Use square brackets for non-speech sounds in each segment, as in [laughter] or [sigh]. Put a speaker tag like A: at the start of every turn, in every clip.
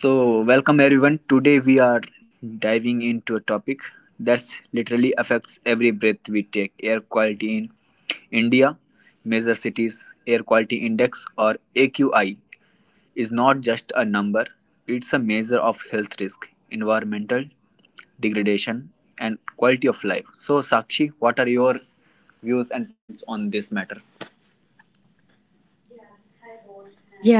A: So, welcome everyone. Today we are diving into a topic that's literally affects every breath we take air quality in India. Major cities air quality index or AQI is not just a number, it's a measure of health risk, environmental degradation, and quality of life. So, Sakshi, what are your views and points on this matter?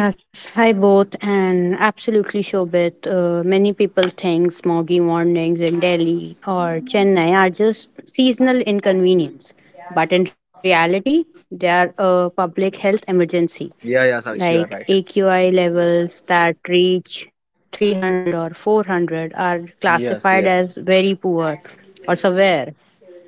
B: Yes, hi both, and absolutely Shobit. Many people think smoggy mornings in Delhi or Chennai are just seasonal inconvenience, but in reality, they are a public health emergency.
A: Yeah, yeah, Sakshi, you are
B: Like
A: right.
B: AQI levels that reach 300 or 400 are
A: Yes,
B: classified
A: yes.
B: as very poor or severe.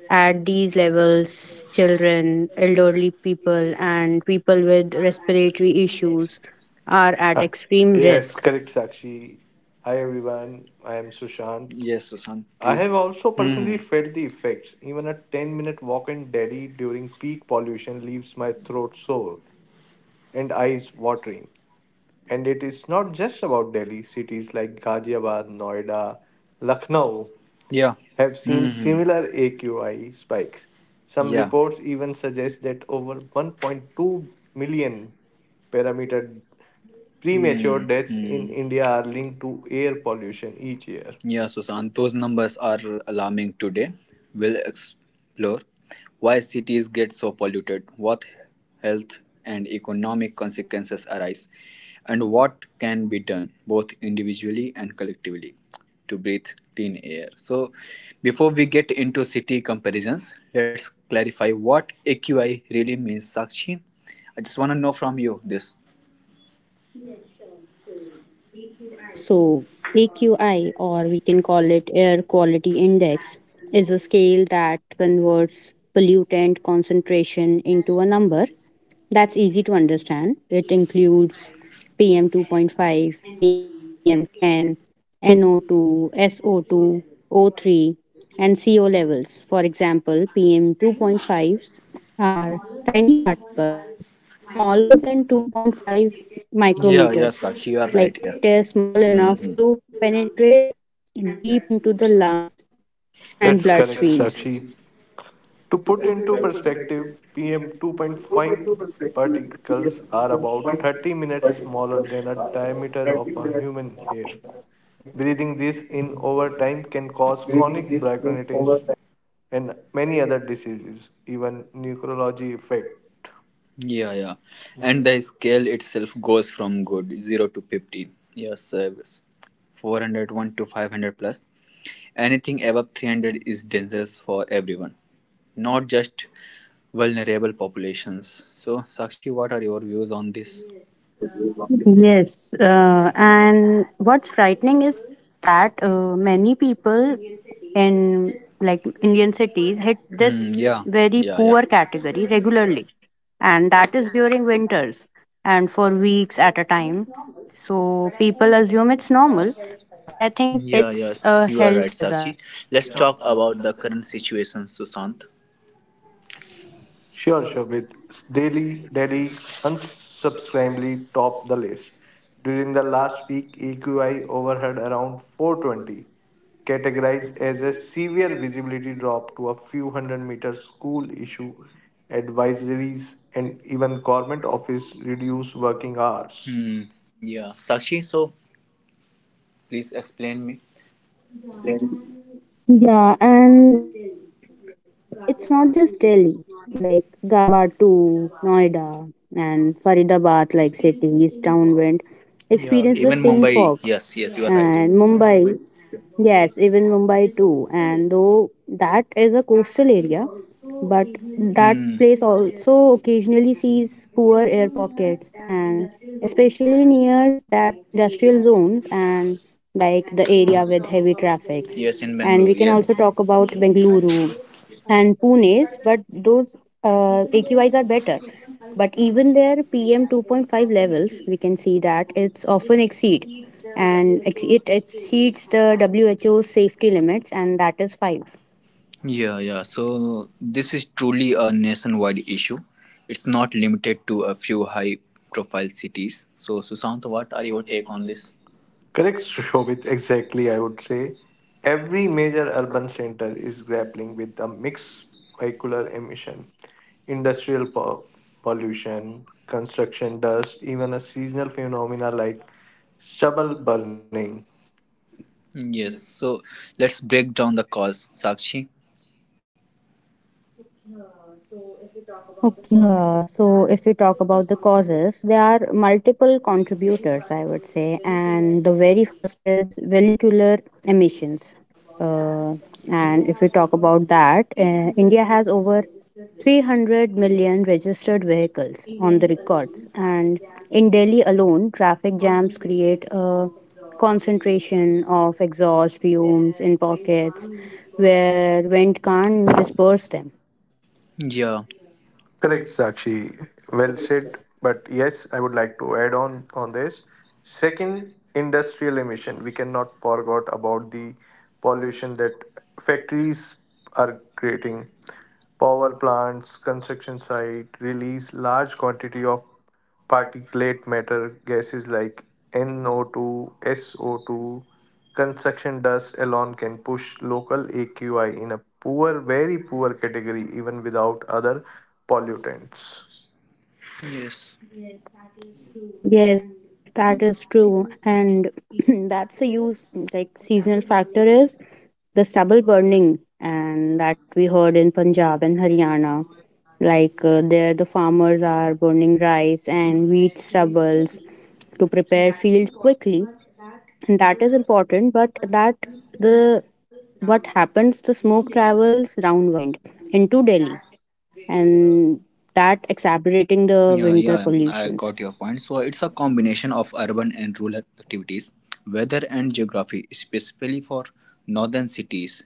B: At these levels, children, elderly people, and people with respiratory issues are at
C: Uh,
B: extreme
C: Yes,
B: risk.
C: correct, Sakshi. Hi, everyone. I am Sushant.
A: Yes, Susan,
C: I
A: I.
C: have also personally felt the effects. Even a 10-minute walk in Delhi during peak pollution leaves my throat sore and eyes watering. And it is not just about Delhi. Cities like Ghaziabad, Noida, Lucknow
A: Yeah.
C: have seen similar AQI spikes. Some reports even suggest that over 1.2 million parameter Premature
A: Mm,
C: deaths in India
A: mm.
C: are linked to air pollution each year.
A: Yeah, Susan, those numbers are alarming today. We'll explore why cities get so polluted, what health and economic consequences arise, and what can be done, both individually and collectively, to breathe clean air. So, before we get into city comparisons, let's clarify what AQI really means, Sakshi. I just want to know from you this.
B: Yes, sure. So, AQI, or we can call it Air Quality Index, is a scale that converts pollutant concentration into a number that's easy to understand. It
A: PM,
B: includes PM 2.5, PM
A: let.
B: 10, NO2, so two, S O two, O three, and CO levels. For example, PM 2.5s are tiny particles smaller than 2.5 micrometers, like it is small enough to penetrate deep into the lungs and
C: That's
B: bloodstreams.
C: correct, Sakshi. To put into perspective, PM 2.5 particles are about 30 minutes smaller than a diameter of a human hair. Breathing this in over time can cause chronic bronchitis and many other diseases, even neurology effect.
A: Yeah, yeah. And the scale itself goes from good 0 to 50. Yes, service. 401 to 500 plus. Anything above 300 is dangerous for everyone, not just vulnerable populations. So, Sakshi, what are your views on this?
B: Yes, and what's frightening is that many people in like Indian cities hit
A: Hmm,
B: this
A: yeah,
B: very
A: yeah, yeah.
B: poor category regularly, and that is during winters and for weeks at a time. So people assume it's normal, but I think
A: Yeah,
B: it's
A: yes,
B: a
A: you are
B: health
A: right,
B: hazard.
A: Sakshi. Let's talk about the current situation, Sushant.
C: Sure, Shobit. Daily, Delhi unsubscribably topped the list. During the last week, AQI overhead around 420, categorized as a severe visibility drop to a few hundred-meter school issue advisories and even government office reduce working hours.
A: Hmm. Yeah, Sakshi. So please explain me.
B: Yeah, and it's not just Delhi, like Ghaziabad to Noida and Faridabad, like city, east downwind,
A: Yeah,
B: experience the
A: even
B: same
A: Mumbai.
B: fog.
A: Yes, yes, you are right.
B: And Mumbai, Yes, even Mumbai too. And though that is a coastal area, but that
A: Hmm.
B: place also occasionally sees poor air pockets, and especially near that industrial zones and like the area with heavy traffics.
A: Yes, in
B: And we can
A: Bangalore.
B: also
A: Yes.
B: talk about Bengaluru, and Pune's, but those AQIs are better. But even their PM 2.5 levels, we can see that it's often exceed, it exceeds the WHO safety limits, and that is five.
A: Yeah, yeah. So this is truly a nationwide issue. It's not limited to a few high profile cities. So, Susant, what are your take on this?
C: Correct, Shobit. Exactly, I would say. Every major urban center is grappling with a mixed vehicular emission, industrial po- pollution, construction dust, even a seasonal phenomena like stubble burning.
A: Yes. So let's break down the cause, Sakshi.
B: Okay, so if we talk about the causes, there are multiple contributors, I would say, and the very first is vehicular emissions. Uh, and if we talk about that, India has over 300 million registered vehicles on the records, and in Delhi alone, traffic jams create a concentration of exhaust fumes in pockets where wind can't disperse them.
A: Yeah.
C: Correct, Sakshi.
B: Yeah.
C: Well said. But yes, I would like to add on this. Second, industrial emission. We cannot forget about the pollution that factories are creating. Power plants, construction site release large quantity of particulate matter gases like NO2, SO2, construction dust alone can push local AQI in a poor, very poor category, even without other pollutants.
A: Yes.
B: Yes, that is true. And [clears throat] that's the use, like seasonal factor is the stubble burning, and that we heard in Punjab and Haryana. Like there, the farmers are burning rice and wheat stubbles to prepare fields quickly, and that is important. But that the what happens, the smoke travels downwind into Delhi, and that exacerbating the
A: Yeah,
B: winter
A: yeah, I
B: pollutions.
A: got your point. So it's a combination of urban and rural activities, weather and geography, specifically for northern cities.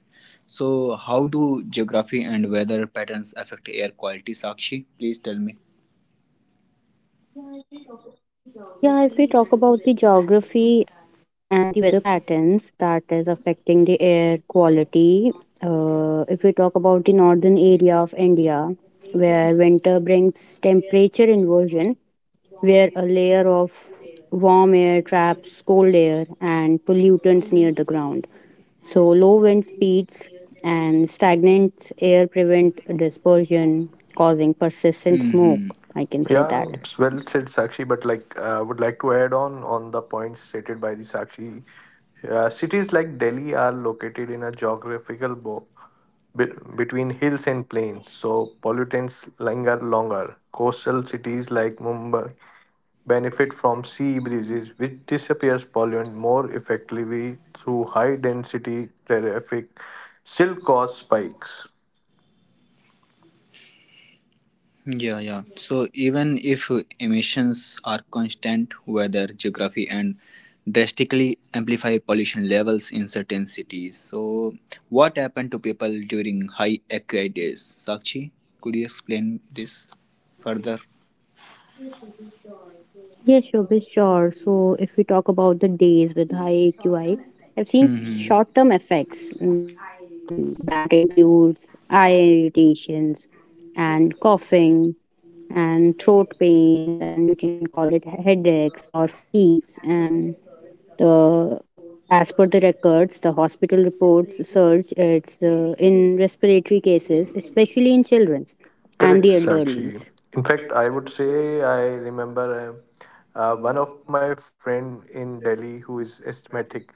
A: So how do geography and weather patterns affect air quality, Sakshi? Please tell me.
B: Yeah, if we talk about the geography and the weather patterns that is affecting the air quality, if we talk about the northern area of India, where winter brings temperature inversion, where a layer of warm air traps cold air and pollutants near the ground. So, low wind speeds and stagnant air prevent dispersion, causing persistent
A: Hmm.
B: smoke. I can say
C: Yeah,
B: that.
C: it's well said, Sakshi. But like, I would like to add on the points stated by the Sakshi. Cities like Delhi are located in a geographical between hills and plains, so pollutants linger longer. Coastal cities like Mumbai benefit from sea breezes, which disappears pollutant more effectively through high density traffic, still cause spikes.
A: Yeah, yeah. So even if
B: Yeah, correct.
A: emissions are constant, weather, geography, and drastically amplify pollution levels in certain cities. So what happened to people during high AQI days? Sakshi, could you explain this further?
B: Yes, sure, be sure. So, if we talk about the days with high AQI, I've seen
A: Hmm.
B: short term effects that includes eye irritations and coughing and throat pains, and we can call it headaches or fatigues. And the as per the records, the hospital reports surge it's in respiratory cases, especially in children
C: Correct,
B: and the
C: Sakshi.
B: elderlies.
C: In fact, I would say I remember one of my friend in Delhi who is asthmatic.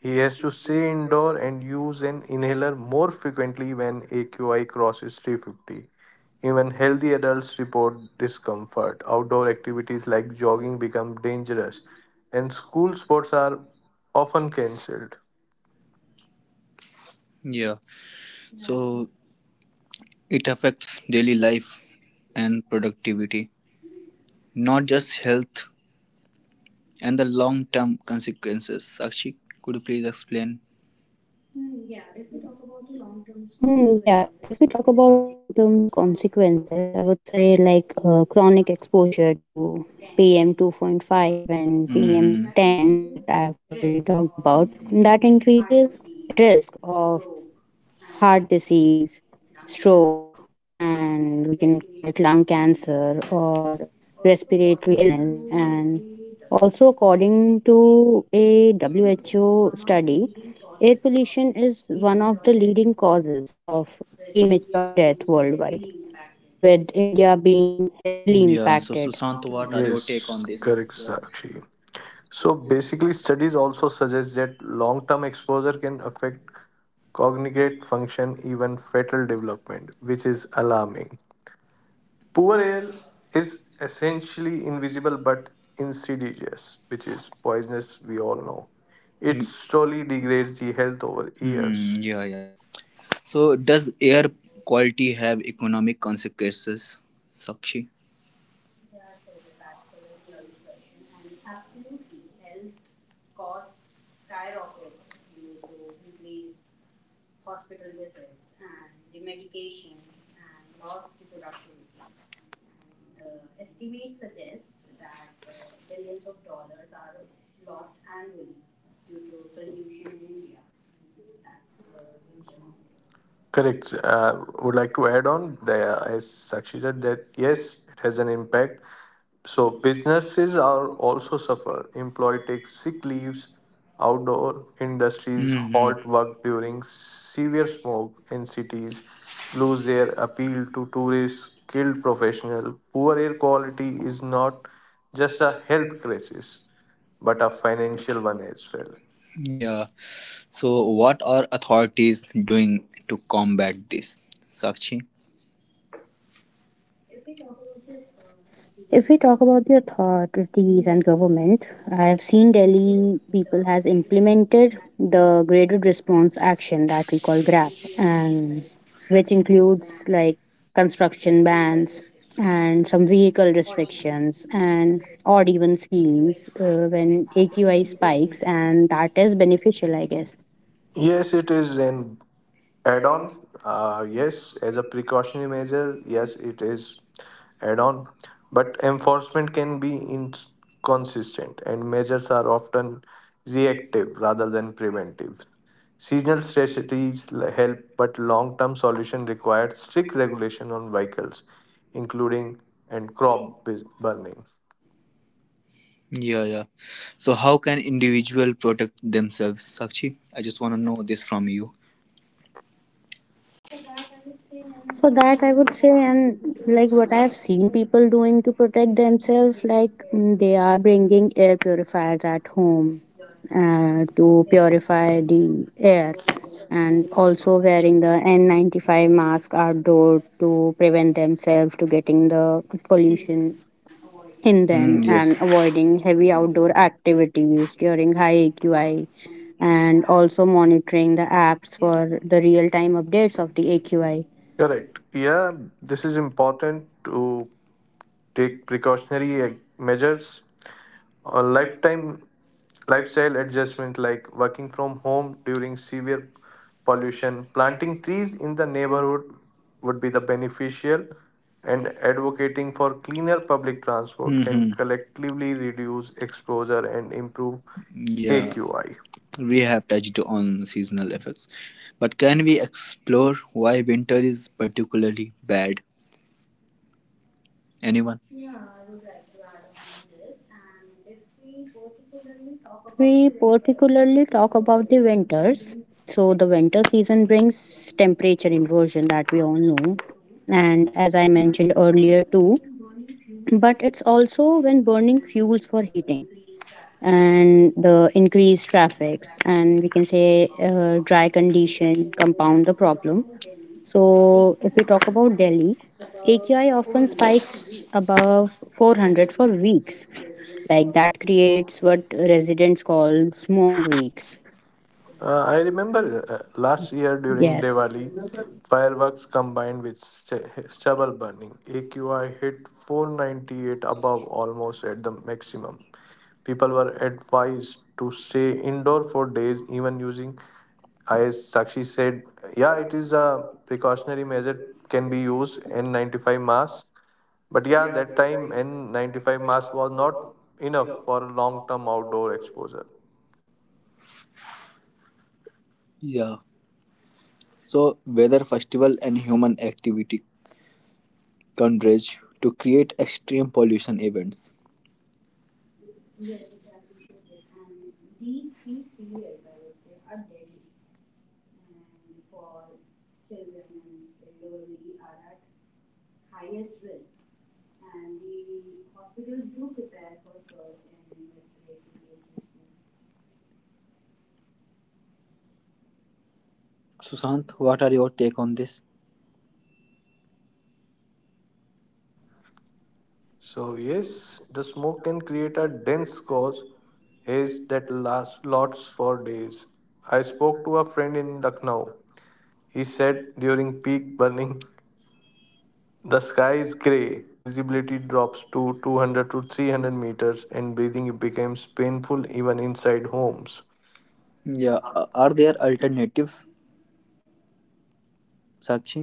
C: He has to stay indoor and use an inhaler more frequently when AQI crosses 350. Even healthy adults report discomfort. Outdoor activities like jogging become dangerous, and school sports are often cancelled.
A: Yeah. So it affects
B: Yeah,
A: daily
B: true.
A: life and productivity, not just health. And the long term consequences. Sakshi, could you please explain?
B: Hmm, yeah, if we talk about the long term consequences, I would say like chronic exposure to PM 2.5 and PM
A: Hmm.
B: 10 that I've already talked about, that increases risk of heart disease, stroke, and we can call it lung cancer or respiratory illness. And also, according to a WHO study, air pollution is one of the leading causes of premature death worldwide, with India being heavily
A: Yeah, so
B: impacted.
A: Sushant, what are your take
C: Yes,
A: on this?
C: correct, Sakshi. So basically, studies also suggest that long term exposure can affect cognitive function, even fetal development, which is alarming. Poor air is essentially invisible but insidious, which is poisonous, we all know. It slowly degrades the health over
A: Hmm,
C: years.
A: yeah, yeah. So does air quality have economic consequences, Sakshi?
B: Yeah, sure, but that's a very lovely question. And absolutely, health cost skyrockets due to increased hospital visits and the medications and lost the productivity. And the estimates suggest that billions of dollars are lost annually due to pollution in India, and that's a huge amount.
C: Correct. Would like to add on the as Sakshi said that yes, it has an impact. So businesses are also suffer. Employee takes sick leaves, outdoor industries halt work during severe smoke in cities, lose their appeal to tourists, skilled professional. Poor air quality is not just a health crisis, but a financial one as well.
A: Yeah. So, what are authorities doing to combat this, Sakshi?
B: If we talk about the authorities and government, I have seen Delhi people has implemented the graded response action that we call GRAP, and which includes like construction bans and some vehicle restrictions and odd even schemes when AQI spikes, and that is beneficial, I guess.
C: Yes, it is, and add on yes as a precautionary measure yes it is add on, but enforcement can be inconsistent and measures are often reactive rather than preventive. Seasonal strategies help but long term solution requires strict regulation on vehicles including and crop burning.
A: Yeah, yeah. So how can individual protect themselves? Sakshi, I just want to know this from you.
B: For that, I would say, and like what I've seen people doing to protect themselves, like they are bringing air purifiers at home to purify the air, and also wearing the N95 mask outdoor to prevent themselves to getting the pollution in them,
A: Hmm.
B: and
A: Yes.
B: avoiding heavy outdoor activities during high AQI, and also monitoring the apps for the real time updates of the AQI.
C: Correct, yeah, this is important to take precautionary measures. A lifetime lifestyle adjustment like working from home during severe pollution, planting trees in the neighborhood would be the beneficial, and advocating for cleaner public transport can
A: Hmm.
C: collectively reduce exposure and improve
A: Yeah.
C: AQI.
A: We have touched on seasonal effects, but can we explore why winter is particularly bad? Anyone?
B: Yeah, I would like to add on this. And if we particularly talk about the winters, so the winter season brings temperature inversion that we all know, and as I mentioned earlier too. But it's also when burning fuels for heating and the increased traffics, and we can say dry condition compound the problem. So, if we talk about Delhi, AQI often spikes above 400 for weeks. Like that creates what residents call smog weeks.
C: I remember last year
B: Yes.
C: during Diwali, fireworks combined with stubble burning. AQI hit 498 above almost at the maximum. People were advised to stay indoor for days, even using ice. Sakshi said, yeah, it is a precautionary measure, can be used N95 mask. But yeah, that time N95 mask was not enough for long term outdoor exposure.
A: Yeah. So weather festival and human activity converge to create extreme pollution events.
B: Yes, exactly, Shobit. And these peak periods, I would say, are deadly. And for children and elderly are at highest risk. And the hospitals do prepare for surge in respiratory cases too.
A: Sushant, what are your take on this?
B: Yeah.
C: So, yes, the smoke can create a dense cause haze that lasts lots for days. I spoke to a friend in Lucknow. He said during peak burning, the sky is grey, visibility drops to 200 to 300 meters, and breathing becomes painful even inside homes.
A: Yeah. Are there alternatives? Sakshi,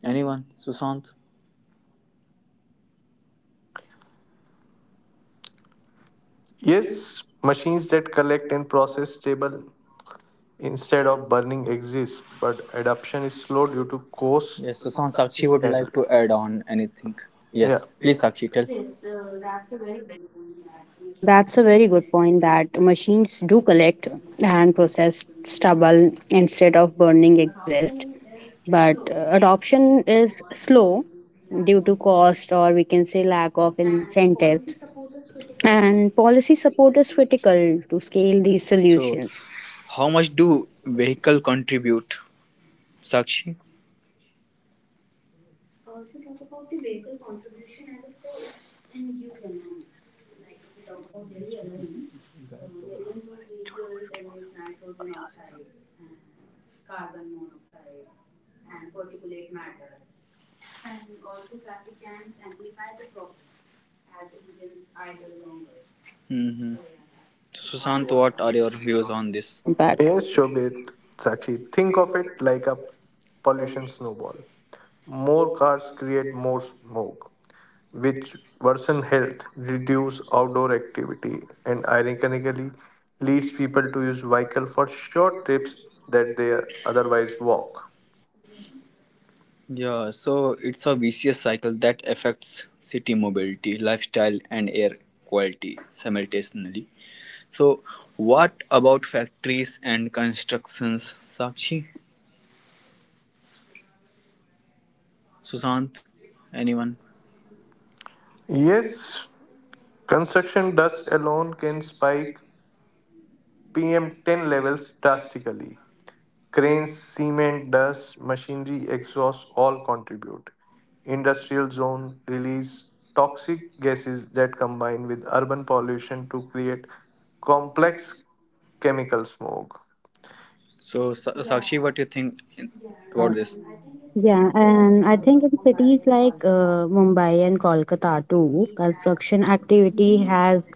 A: anyone? Sushant.
C: Yes, machines that collect and process stable instead of burning exist, but adoption is slow due to cost
A: Yes, Sushant. Sakshi would
C: and
A: like to add on anything.
C: yeah.
A: Yes,
C: Yes,
A: please, Sakshi, tell.
B: Yes, that's a very good point that machines do collect and process stubble instead of burning exist. But adoption is slow due to cost, or we can say lack of incentives. And policy support is critical to scale these
A: So,
B: solutions.
A: how much do vehicle contribute, Sakshi?
B: If we talk about the vehicle contribution, I would say it's in huge amounts. Like if we talk about Delhi alone, millions of vehicles emit nitrogen oxides and carbon monoxide and particulate matter. And also, traffic jams amplify the problem as engines
A: Mm-hmm.
B: idle longer.
A: Sushant, what
B: So,
A: are your
B: yeah,
A: views
B: that's
A: on
B: a
A: this?
B: bad impact.
C: Shobit, Sakshi, think of it like a pollution snowball. More cars create more smoke, which worsen health, reduce outdoor activity, and ironically leads people to use vehicle for short trips that they otherwise walk.
A: Yeah,
B: Right.
A: so it's a vicious cycle that affects city mobility, lifestyle, and air quality simultaneously. So, what about factories and constructions? Sakshi, Sushant, anyone?
C: Yes, construction dust alone can spike PM10 levels drastically. Cranes, cement, dust, machinery, exhaust all contribute. Industrial zone release toxic gases that combine with urban pollution to create complex chemical smog.
A: So, Sakshi, what do you think in,
B: Yeah.
A: about this?
B: Yeah, and I think in cities like Mumbai and Kolkata too, construction activity has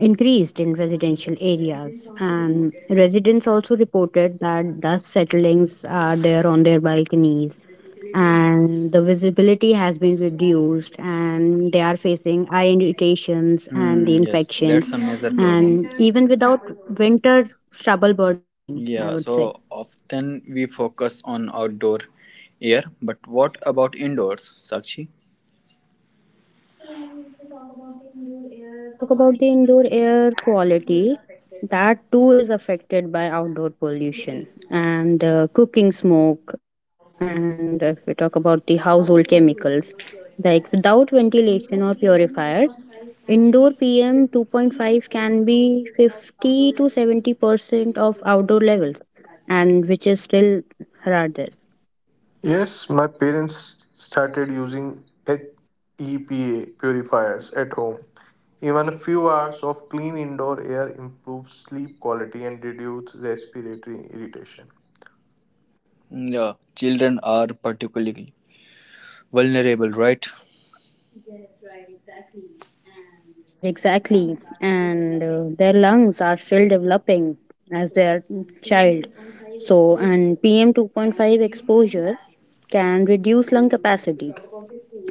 B: increased in residential areas. And residents also reported that dust settlings are there on their balconies, and the visibility has been reduced, and they are facing eye irritations and
A: Hmm,
B: the
A: yes,
B: infections,
A: that's a major problem.
B: and even without winter stubble burning, I would
A: Yeah,
B: say.
A: so often we focus on outdoor air, but what about indoors, Sakshi?
B: So yeah, if we talk about the indoor air quality, that too is affected by outdoor pollution and cooking smoke. And if we talk about the household chemicals, like without ventilation or purifiers, indoor PM 2.5 can be 50 to 70% of outdoor levels, and which is still rather.
C: Yes, my parents started using HEPA purifiers at home. Even a few hours of clean indoor air improves sleep quality and reduces respiratory irritation.
A: Yeah, children are particularly vulnerable, right?
B: Yes, right, exactly. And their lungs are still developing as their child. So, and PM 2.5 exposure can reduce lung capacity.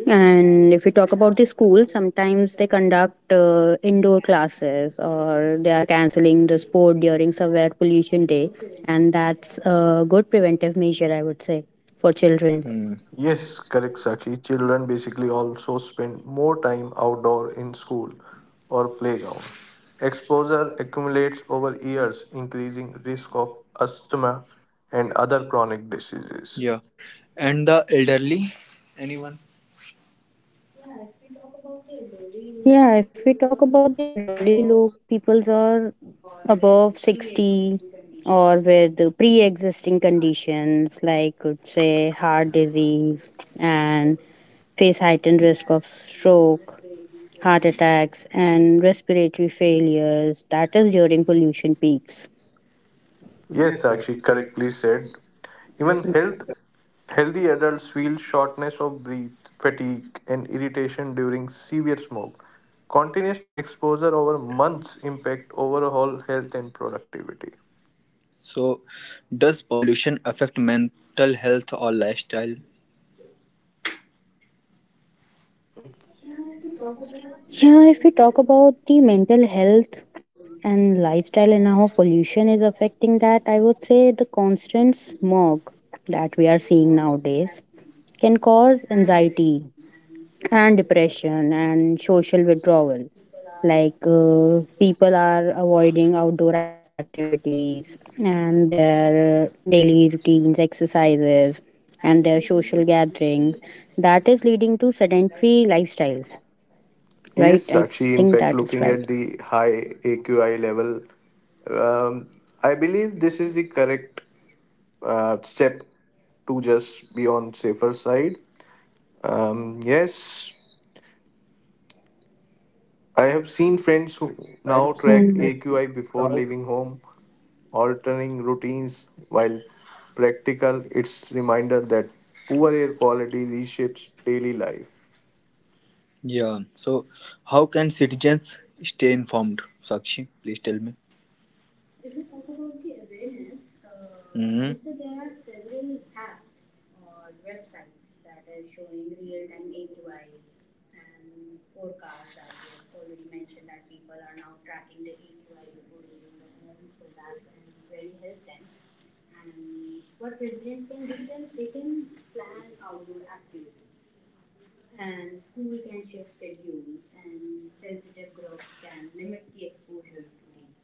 B: And if we talk about the school, sometimes they conduct indoor classes, or they are canceling the sport during severe pollution day. And that's a good preventive measure, I would say, for children.
A: Hmm.
C: Yes, correct, Sakshi. Children basically also spend more time outdoor in school or playground. Exposure accumulates over years, increasing risk of asthma and other chronic diseases.
A: Yeah. And the elderly, anyone?
B: Yeah, if we talk about the elderly, low peoples are above 60, or with the pre-existing conditions like could say heart disease, and face heightened risk of stroke, heart attacks and respiratory failures that is during pollution peaks.
C: Yes, Sakshi correctly said. Even healthy adults feel shortness of breath, fatigue, and irritation during severe smoke. Continuous exposure over months impact overall health and productivity.
A: So does pollution affect mental health or lifestyle?
B: Yeah, if we talk about the mental health and lifestyle and how pollution is affecting that, I would say the constant smog that we are seeing nowadays can cause anxiety and depression and social withdrawal. Like people are avoiding outdoor activities and their daily routines, exercises, and their social gathering. That is leading to sedentary lifestyles, right?
C: Yes,
B: I
C: Sakshi.
B: think
C: In
B: that
C: fact,
B: is
C: looking
B: right.
C: at the high AQI level, um, I believe this is the correct step to just be on safer side. Yes, I have seen friends who now
B: Hmm.
C: track AQI before leaving home, altering routines while practical. It's reminder that poor air quality reshapes daily life.
A: Yeah, so how can citizens stay informed, Sakshi? Please tell me.
B: If we talk about the awareness, I
A: Hmm.
B: would say there are several apps or websites that are showing real time AQIs and forecasts that we have already mentioned that people are now tracking the AQI before leaving the home, so that can really help them. And what residents can do then, they can plan outdoor activities. And school can shift schedules, and sensitive groups can limit the exposure to the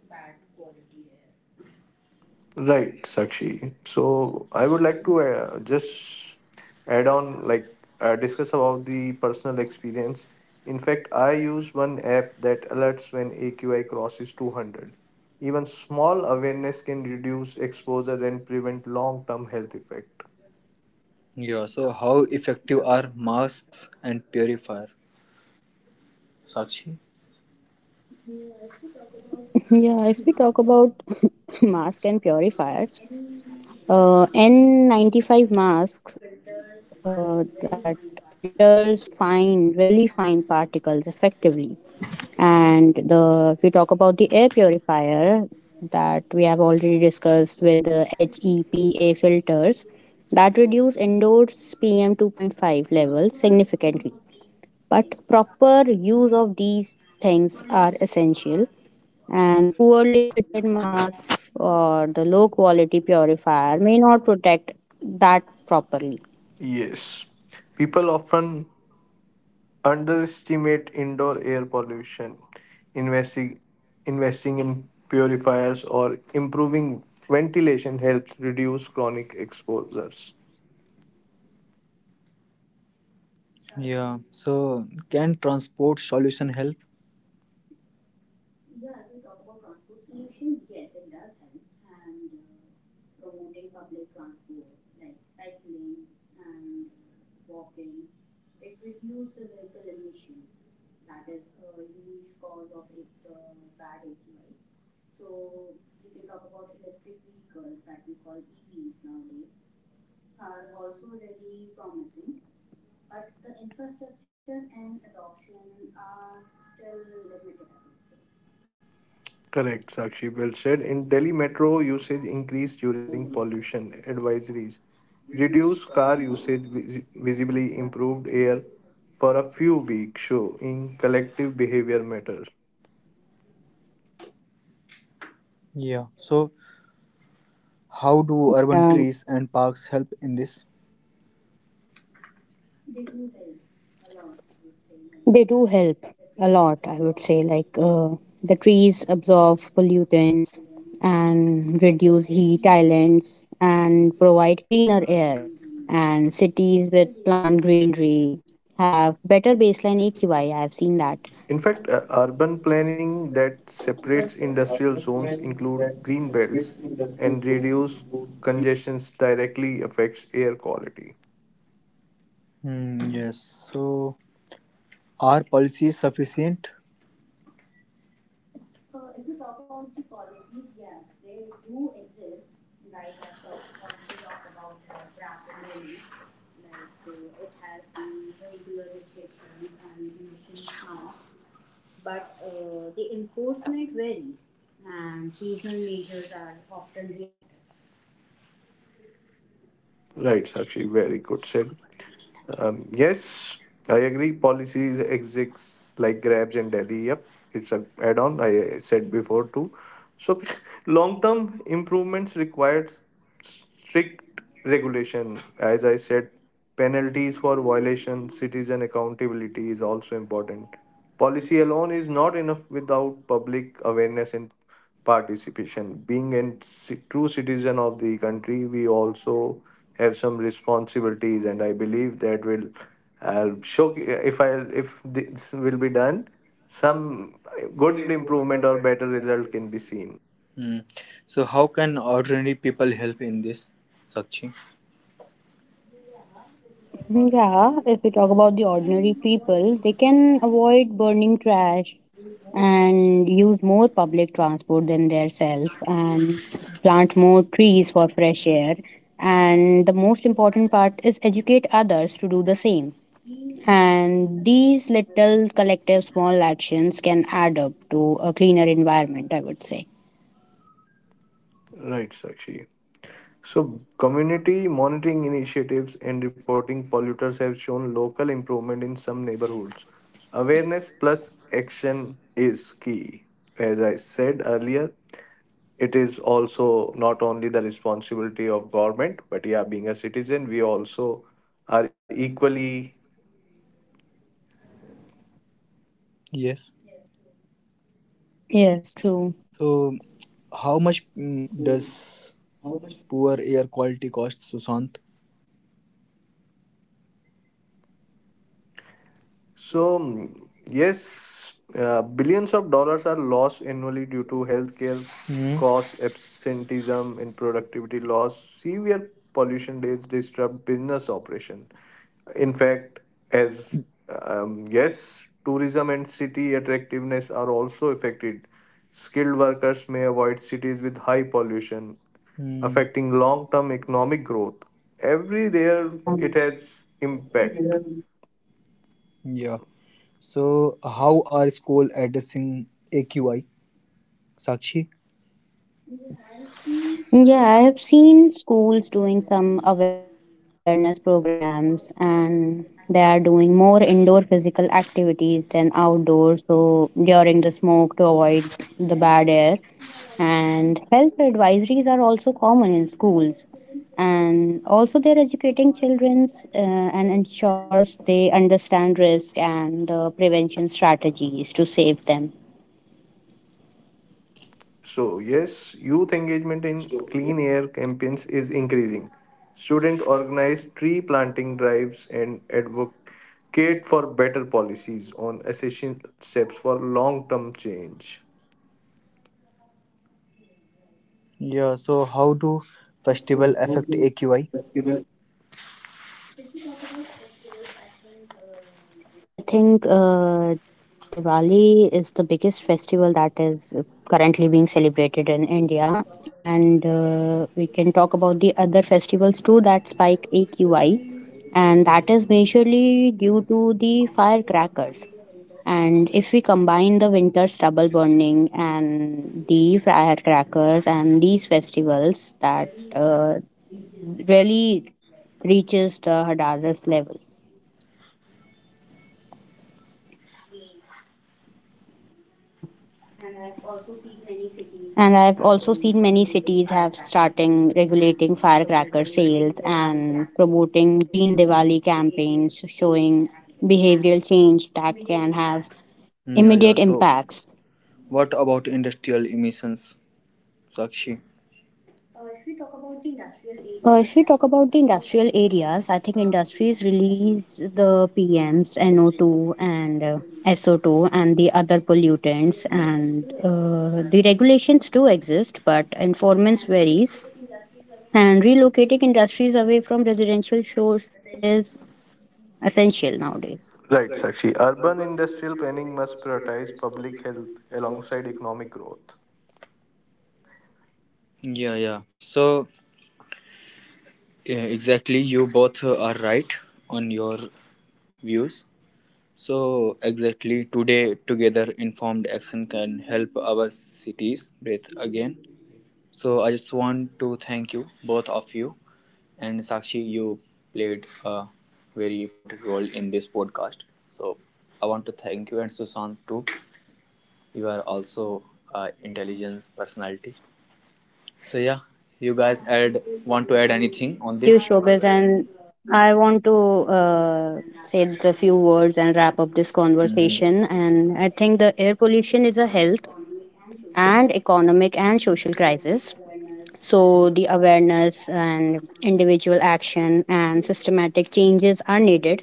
B: bad quality air.
C: Right, Sakshi. So I would like to just add on, like discuss about the personal experience. In fact, I use one app that alerts when AQI crosses 200. Even small awareness can reduce exposure and prevent long-term health effect.
A: Yeah, so how effective are masks and purifier, Sakshi?
B: [laughs] Yeah, if we talk about [coughs] [laughs] masks and purifiers, N95 mask that filters fine, really fine particles effectively. And the if we talk about the air purifier that we have already discussed, with the HEPA filters that reduce indoors PM 2.5 levels significantly. But proper use of these things are essential, and poorly fitted masks or the low quality purifier may not protect that properly.
C: Yes, people often underestimate indoor air pollution. Investing, Investing in purifiers or improving ventilation helps reduce chronic exposures.
A: Yeah.
B: Yeah,
A: So,
B: true.
A: can transport solution help?
B: Yeah, if we talk about transport solutions, yes, it does help. And promoting public transport like cycling and walking, it reduces the vehicle emissions. That is a huge cause of it, the bad AQI. So we can talk about electric vehicles that we call EVs nowadays, are also really promising, but the infrastructure and adoption are still limited, I would say.
C: Correct, Sakshi. Well said. In Delhi metro, usage increased during pollution advisories. Reduced car usage visibly improved air for a few weeks, showing collective behavior matters.
A: Yeah. So, how
B: Yeah,
A: do urban trees and parks help in this?
B: they do help a lot, I would say. Like the trees absorb pollutants and reduce heat islands and provide cleaner air. And cities with plant greenery have better baseline AQI. I have seen that.
C: In fact, urban planning that separates industrial zones include green belts and reduce congestions directly affects air quality.
A: Hmm. Yes. So, are policies sufficient?
B: If we talk about the policies, yes, they do exist. Like I've already talked about the Grab in Delhi. Like it has the vehicular restrictions and emission snobs, but the enforcement varies, and seasonal measures are often reactive.
C: Right, Sakshi, very good said. Yes, I agree. Policies exists like Grabs and Delhi. Yep, it's a add-on. I said before too. So, [laughs] long-term improvements required strict regulation. As I said, penalties for violation, citizen accountability is also important. Policy alone is not enough without public awareness and participation. Being a true citizen of the country, we also have some responsibilities, and I believe that will show if I if this will be done, some good improvement or better result can be seen.
A: Hmm. So, how can ordinary people help in this, Sakshi?
B: Yeah, if we talk about the ordinary people, they can avoid burning trash, and use more public transport than themselves, and plant more trees for fresh air. And the most important part is educate others to do the same, and these little collective small actions can add up to a cleaner environment, I would say.
C: Right, Sakshi. So, community monitoring initiatives and reporting polluters have shown local improvement in some neighborhoods. Awareness plus action is key. As I said earlier, it is also not only the responsibility of government but yeah being a citizen we also are equally.
A: Yes.
B: Yes, true.
A: So, how much does poor air quality cost, Susant?
C: So, yes, billions of dollars are lost annually due to healthcare
A: Hmm.
C: costs, absenteeism, and productivity loss. Severe pollution days disrupt business operation. In fact, as yes, tourism and city attractiveness are also affected. Skilled
A: And
C: workers may avoid cities with high
A: pollution.
C: pollution,
A: Hmm. Affect.
C: affecting long-term economic growth.
B: Yeah.
C: Every there it has impact.
A: Yeah. So, how are school addressing AQI, Sakshi?
B: Yeah, I have seen schools doing some awareness programs, and they are doing more indoor physical activities than outdoor. So during the smoke to avoid the bad air. And health advisories are also common in schools. And also they're educating children, and ensures they understand risk and the prevention strategies to save them.
C: So, yes, youth engagement in clean air campaigns is increasing. Students organize tree planting drives and advocate for better policies on essential steps for long term change.
A: Yeah. So, how
B: Yeah,
A: do
B: right.
A: festival affect AQI?
B: If we talk about festivals, I think Diwali is the biggest festival that is currently being celebrated in India. And we can talk about the other festivals too that spike AQI. And that is majorly due to the firecrackers. And if we combine the winter stubble burning and the firecrackers and these festivals, that uh, really reaches the Hadazes level. Yeah. And I've also seen many cities have starting regulating firecracker sales and promoting green Diwali campaigns, showing behavioral change that can have
A: Mm, yeah, yeah.
B: immediate
A: So,
B: impacts.
A: what about industrial emissions, Sakshi?
B: If we talk about the industrial areas, I think industries release the PMs, NO2 and SO2, and the other pollutants, and the regulations do exist, but enforcement varies, and relocating industries away from residential shores is essential nowadays.
C: Right, Sakshi. Urban industrial planning must prioritize public health alongside economic growth.
A: Yeah, yeah. So, yeah, exactly. You both are right on your views. So, exactly today, together, informed action can help our cities breathe again. So, I just want to thank you, both of you. And Sakshi, you played a very important role in this podcast. So, I want to thank you, and Susan too. You are also intelligence personality. So, yeah, you guys add want to add
B: Yeah,
A: anything on
B: thank you,
A: this?
B: Shobaz. And I want to say the few words and wrap up this conversation. And I think the air pollution is a health and economic and social crisis. So the awareness and individual action and systematic changes are needed,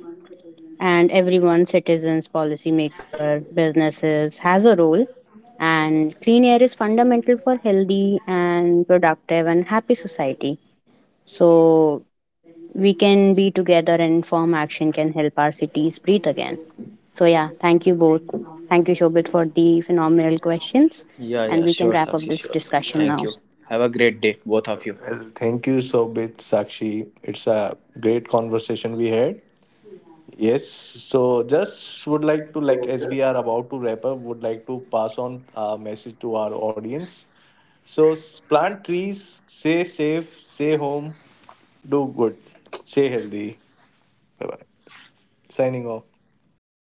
B: and everyone citizens policymaker businesses has a role, and clean air is fundamental for healthy and productive and happy society. So we can be together, and form action can help our cities breathe again. So yeah, thank you both. Thank you, Shobit, for the phenomenal questions,
A: Yeah,
B: and
A: yeah,
B: we can
A: sure,
B: wrap up
A: Sakshi,
B: this
A: sure.
B: discussion
A: Thank
B: now.
A: you. Have a great day, both of you.
C: Well, thank you so much, Sakshi. It's a great conversation we had. Yes, so
B: Yeah.
C: just would like to like as we are about to wrap up, would like to pass on a message to our audience. So plant trees, stay safe, stay home, do good, stay healthy. Bye bye. Signing off.